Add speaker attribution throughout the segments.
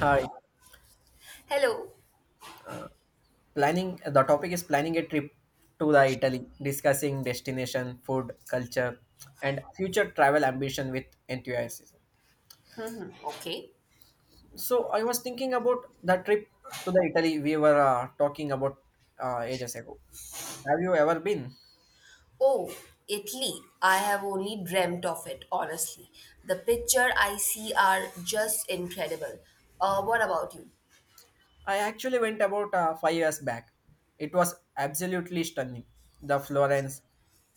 Speaker 1: Hi.
Speaker 2: Hello.
Speaker 1: Planning the topic is planning a trip to the Italy, discussing destination, food, culture, and future travel ambition with enthusiasm.
Speaker 2: Okay.
Speaker 1: So I was thinking about the trip to the Italy we were talking about ages ago. Have you ever been?
Speaker 2: Oh, Italy. I have only dreamt of it, honestly. The picture I see are just incredible. What about you?
Speaker 1: I actually went about five years back. It was absolutely stunning. The Florence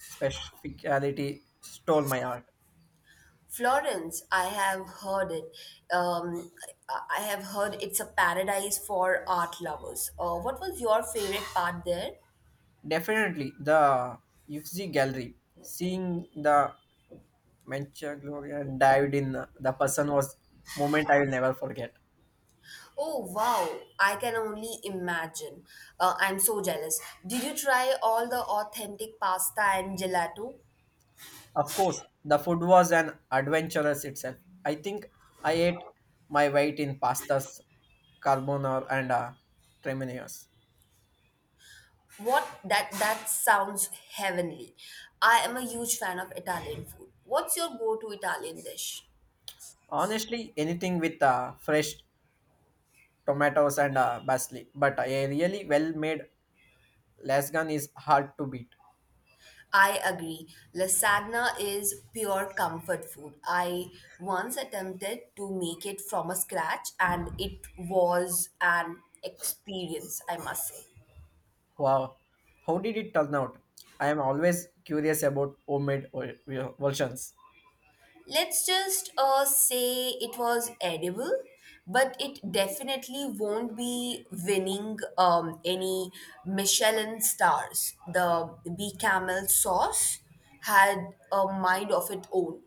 Speaker 1: specificality stole my heart.
Speaker 2: Florence, I have heard it. I have heard it's a paradise for art lovers. What was your favorite part there?
Speaker 1: Definitely the Uffizi Gallery, seeing the Mentioned Gloria dived in. The person was moment I will never forget.
Speaker 2: Oh, wow. I can only imagine. I'm so jealous. Did you try all the authentic pasta and gelato?
Speaker 1: Of course, the food was an adventurous itself. I think I ate my weight in pastas, carbonara, and tremenios.
Speaker 2: What that sounds heavenly. I am a huge fan of Italian food. What's your go-to Italian dish?
Speaker 1: Honestly, anything with fresh tomatoes and basil. But a really well-made lasagna is hard to beat.
Speaker 2: I agree. Lasagna is pure comfort food. I once attempted to make it from a scratch and it was an experience, I must say.
Speaker 1: Wow, how did it turn out? I am always curious about homemade versions.
Speaker 2: Let's just say it was edible, but it definitely won't be winning any Michelin stars. The B Camel sauce had a mind of its own.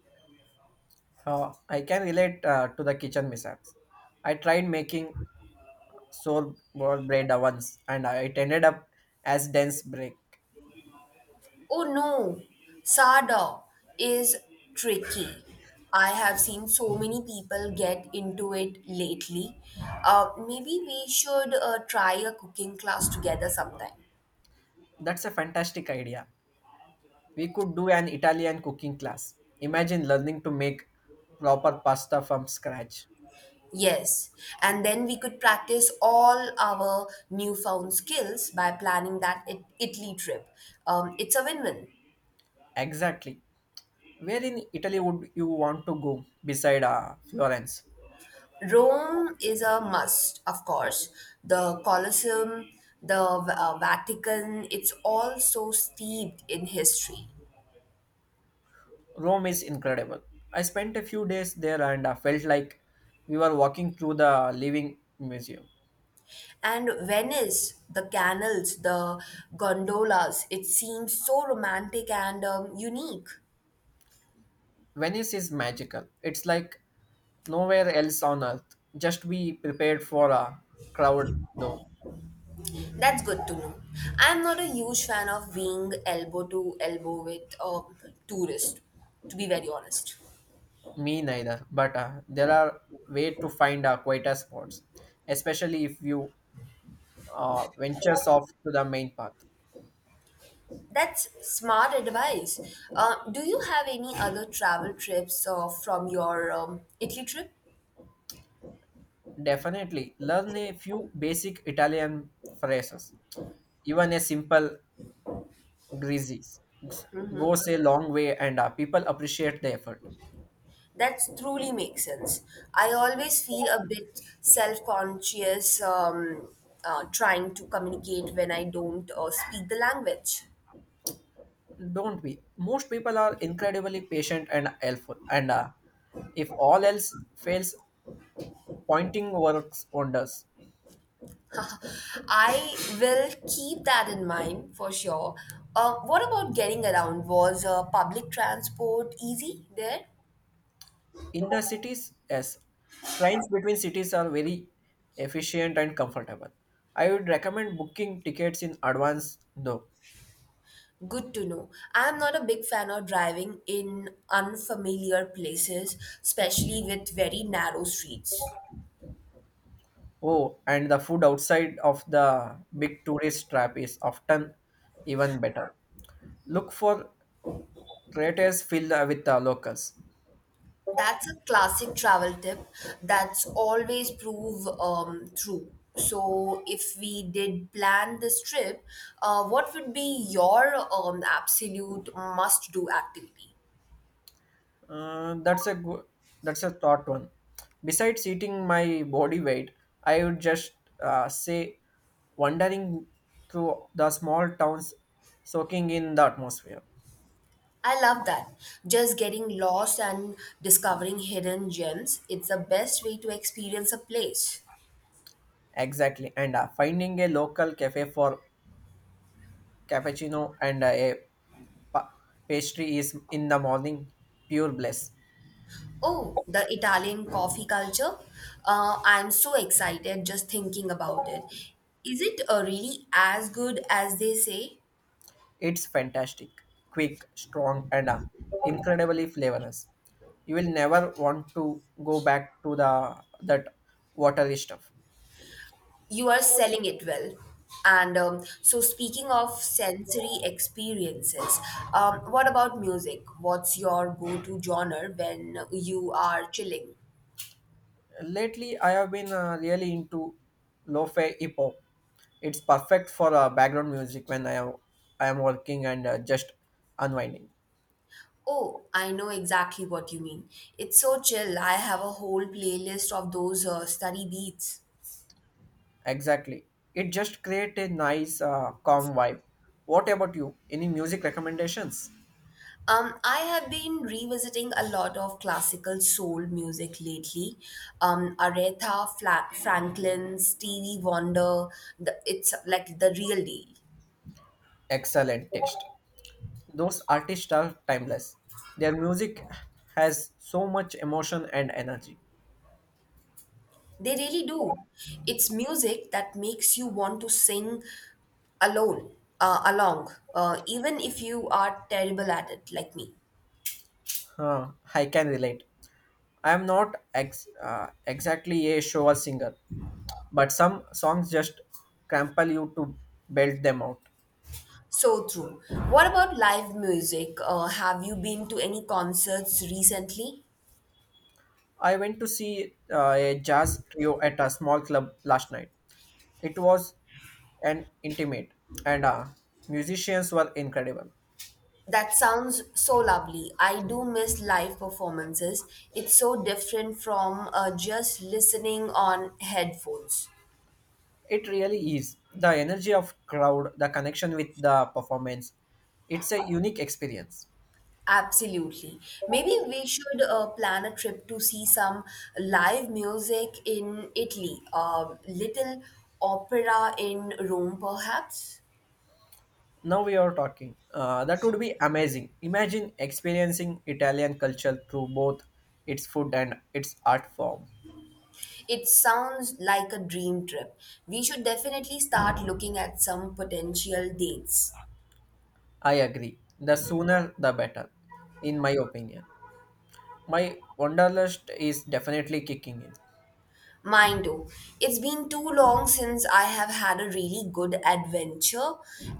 Speaker 1: I can relate to the kitchen mishaps. I tried making soul ball bread once and it ended up as dense break.
Speaker 2: Oh no, Sada is tricky. I have seen so many people get into it lately. Maybe we should try a cooking class together sometime.
Speaker 1: That's a fantastic idea. We could do an Italian cooking class. Imagine learning to make proper pasta from scratch.
Speaker 2: Yes, and then we could practice all our newfound skills by planning that Italy trip. It's a win win.
Speaker 1: Exactly. Where in Italy would you want to go beside Florence?
Speaker 2: Rome is a must, of course. The Colosseum, the Vatican, it's all so steeped in history.
Speaker 1: Rome is incredible. I spent a few days there and felt like we were walking through the living museum.
Speaker 2: And Venice, the canals, the gondolas, it seems so romantic and unique.
Speaker 1: Venice is magical. It's like nowhere else on earth. Just be prepared for a crowd, though.
Speaker 2: That's good to know. I'm not a huge fan of being elbow to elbow with a tourist, to be very honest.
Speaker 1: Me neither. But there are way to find quieter spots, especially if you ventures off to the main path.
Speaker 2: That's smart advice. Do you have any other travel trips from your Italy trip?
Speaker 1: Definitely learn a few basic Italian phrases. Even a simple greasy goes a long way, and people appreciate the effort.
Speaker 2: That truly makes sense. I always feel a bit self conscious trying to communicate when I don't speak the language.
Speaker 1: Don't be. Most people are incredibly patient and helpful, and if all else fails, pointing works wonders.
Speaker 2: I will keep that in mind for sure. What about getting around? Was public transport easy there?
Speaker 1: In the cities, yes. Trains between cities are very efficient and comfortable. I would recommend booking tickets in advance, though.
Speaker 2: Good to know. I'm not a big fan of driving in unfamiliar places, especially with very narrow streets.
Speaker 1: Oh, and the food outside of the big tourist trap is often even better. Look for creators filled with the locals.
Speaker 2: That's a classic travel tip that's always prove true. So, if we did plan this trip, what would be your absolute must do activity?
Speaker 1: Uh, that's a good, that's a thought one. Besides eating my body weight, I would just say wandering through the small towns, soaking in the atmosphere.
Speaker 2: I love that. Just getting lost and discovering hidden gems. It's the best way to experience a place.
Speaker 1: Exactly, and finding a local cafe for cappuccino and a pa- pastry is in the morning pure bliss.
Speaker 2: Oh, the Italian coffee culture. I'm so excited just thinking about it. Is it really as good as they say?
Speaker 1: It's fantastic, quick, strong, and incredibly flavorless. You will never want to go back to the that watery stuff.
Speaker 2: You are selling it well. And so, speaking of sensory experiences, what about music? What's your go to genre when you are chilling?
Speaker 1: Lately, I have been really into lo-fi hip hop. It's perfect for background music when I am working and just unwinding.
Speaker 2: Oh, I know exactly what you mean. It's so chill. I have a whole playlist of those study beats.
Speaker 1: Exactly, it just creates a nice calm vibe. What about you? Any music recommendations?
Speaker 2: I have been revisiting a lot of classical soul music lately. Aretha Franklin, Stevie Wonder, it's like the real deal.
Speaker 1: Excellent taste. Those artists are timeless. Their music has so much emotion and energy.
Speaker 2: They really do. It's music that makes you want to sing alone, uh, along, even if you are terrible at it, like me.
Speaker 1: Huh, I can relate. I am not exactly a shower singer, but some songs just crumple you to belt them out.
Speaker 2: So true. What about live music? Have you been to any concerts recently?
Speaker 1: I went to see a jazz trio at a small club last night. It was an intimate, and musicians were incredible.
Speaker 2: That sounds so lovely. I do miss live performances. It's so different from just listening on headphones.
Speaker 1: It really is the energy of crowd, the connection with the performance. It's a unique experience.
Speaker 2: Absolutely. Maybe we should plan a trip to see some live music in Italy, a little opera in Rome, perhaps.
Speaker 1: Now we are talking. That would be amazing. Imagine experiencing Italian culture through both its food and its art form.
Speaker 2: It sounds like a dream trip. We should definitely start looking at some potential dates.
Speaker 1: I agree. The sooner the better, in my opinion. My wanderlust is definitely kicking in.
Speaker 2: Mind you, it's been too long since I have had a really good adventure,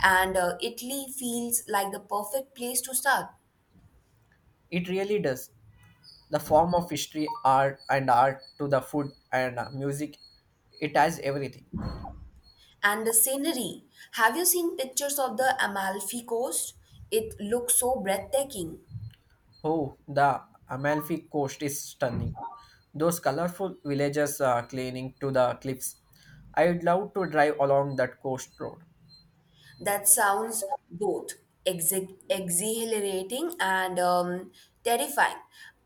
Speaker 2: and Italy feels like the perfect place to start.
Speaker 1: It really does. The form of history, art, and art to the food and music, it has everything.
Speaker 2: And the scenery. Have you seen pictures of the Amalfi Coast? It looks so breathtaking.
Speaker 1: Oh, the Amalfi Coast is stunning. Those colorful villages are cleaning to the cliffs. I would love to drive along that coast road.
Speaker 2: That sounds both exhilarating and terrifying.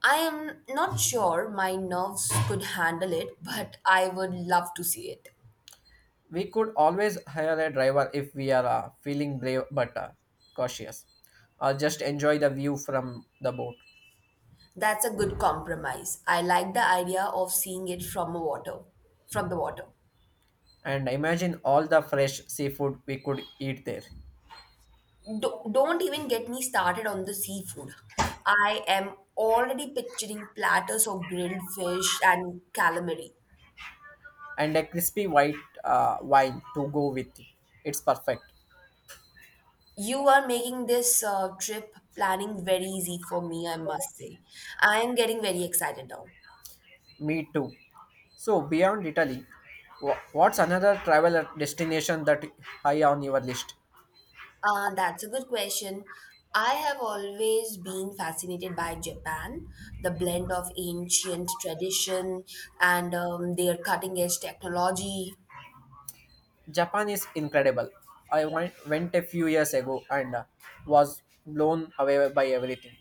Speaker 2: I am not sure my nerves could handle it, but I would love to see it.
Speaker 1: We could always hire a driver if we are feeling brave but cautious, or just enjoy the view from the boat.
Speaker 2: That's a good compromise. I like the idea of seeing it from a water, from the water.
Speaker 1: And imagine all the fresh seafood we could eat there,
Speaker 2: Don't even get me started on the seafood. I am already picturing platters of grilled fish and calamari.
Speaker 1: and a crispy white wine to go with it. It's perfect.
Speaker 2: You are making this trip planning very easy for me, I must say. I am getting very excited now.
Speaker 1: Me too. So beyond Italy, what's another travel destination that high on your list?
Speaker 2: That's a good question. I have always been fascinated by Japan, the blend of ancient tradition and their cutting edge technology.
Speaker 1: Japan is incredible. I went a few years ago and was blown away by everything.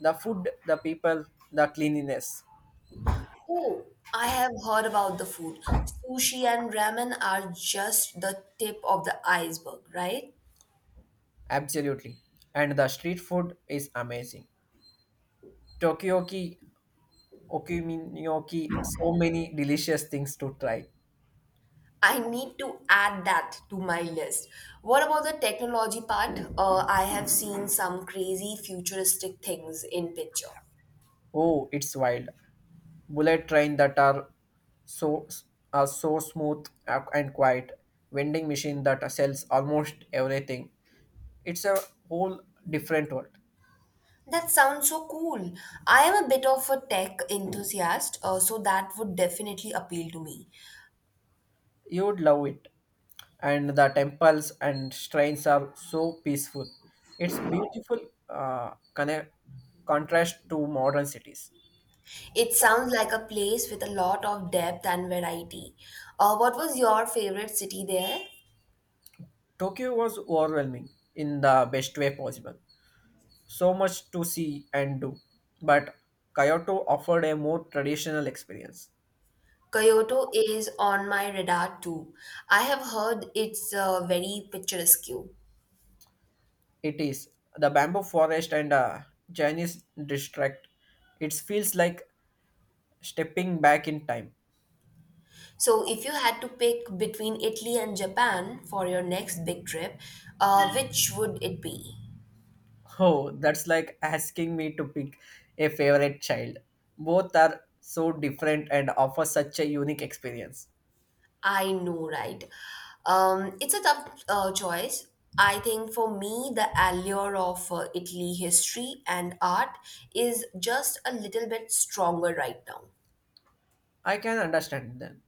Speaker 1: The food, the people, the cleanliness.
Speaker 2: Oh, I have heard about the food. Sushi and ramen are just the tip of the iceberg, right?
Speaker 1: Absolutely. And the street food is amazing. Tokyoki, Okuminoki, so many delicious things to try.
Speaker 2: I need to add that to my list. What about the technology part? I have seen some crazy futuristic things in picture.
Speaker 1: Oh, it's wild. Bullet train that are so are so smooth and quiet. Vending machine that sells almost everything. It's a whole different world.
Speaker 2: That sounds so cool. I am a bit of a tech enthusiast, so that would definitely appeal to me.
Speaker 1: You would love it, and the temples and shrines are so peaceful. It's beautiful. uh, connect, Contrast to modern cities.
Speaker 2: It sounds like a place with a lot of depth and variety. What was your favorite city there?
Speaker 1: Tokyo was overwhelming in the best way possible. So much to see and do, but Kyoto offered a more traditional experience.
Speaker 2: Kyoto is on my radar too. I have heard it's very picturesque.
Speaker 1: It is. The bamboo forest and chinese district, it feels like stepping back in time.
Speaker 2: So, if you had to pick between Italy and Japan for your next big trip, which would it be?
Speaker 1: Oh, that's like asking me to pick a favorite child. Both are so different and offer such a unique experience.
Speaker 2: I know, right? It's a tough choice. I think for me, the allure of Italy history and art is just a little bit stronger right now.
Speaker 1: I can understand them.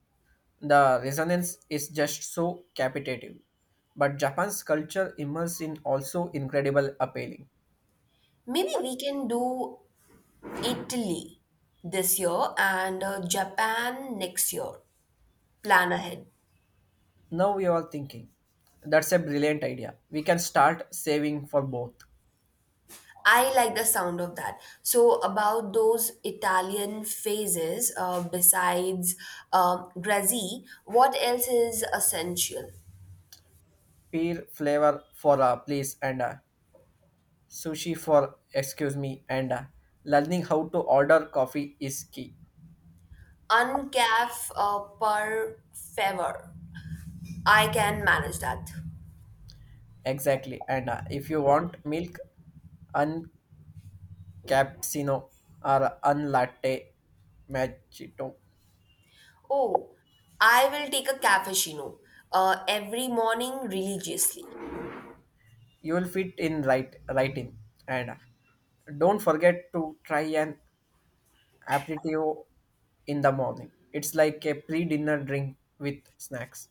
Speaker 1: The resonance is just so captivating. But Japan's culture immerse in also incredible appealing.
Speaker 2: Maybe we can do Italy this year and Japan next year. Plan ahead.
Speaker 1: Now we are thinking. That's a brilliant idea. We can start saving for both.
Speaker 2: I like the sound of that. So, about those Italian phases, besides Grazzi, what else is essential?
Speaker 1: Pear flavor for a please, and sushi for excuse me, and learning how to order coffee is key.
Speaker 2: Uncaf per favor. I can manage that.
Speaker 1: Exactly. And if you want milk, uncappuccino or unlatte macchiato,
Speaker 2: Oh, I will take a cappuccino every morning religiously.
Speaker 1: you will fit in right in. And don't forget to try an aperitivo in the morning. It's like a pre-dinner drink with snacks.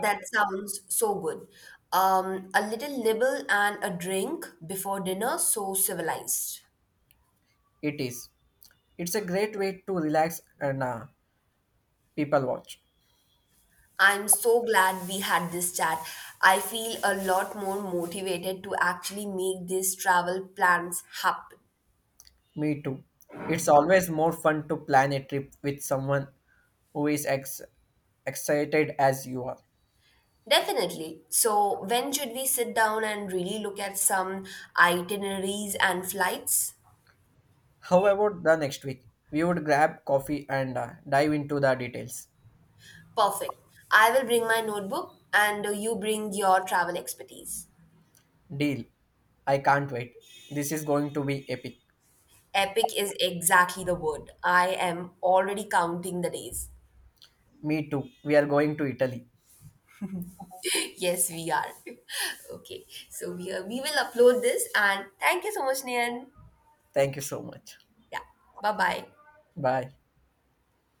Speaker 2: That sounds so good. A little nibble and a drink before dinner, so civilized.
Speaker 1: It is. It's a great way to relax and people watch.
Speaker 2: I'm so glad we had this chat. I feel a lot more motivated to actually make these travel plans happen.
Speaker 1: Me too. It's always more fun to plan a trip with someone who is excited as you are.
Speaker 2: Definitely. So, when should we sit down and really look at some itineraries and flights?
Speaker 1: How about the next week? We would grab coffee and dive into the details.
Speaker 2: Perfect. I will bring my notebook and you bring your travel expertise.
Speaker 1: Deal. I can't wait. This is going to be epic.
Speaker 2: Epic is exactly the word. I am already counting the days.
Speaker 1: Me too. We are going to Italy.
Speaker 2: Yes, we are. Okay. So, we will upload this and thank you so much, Nian.
Speaker 1: Thank you so much.
Speaker 2: Yeah. Bye bye.
Speaker 1: Bye.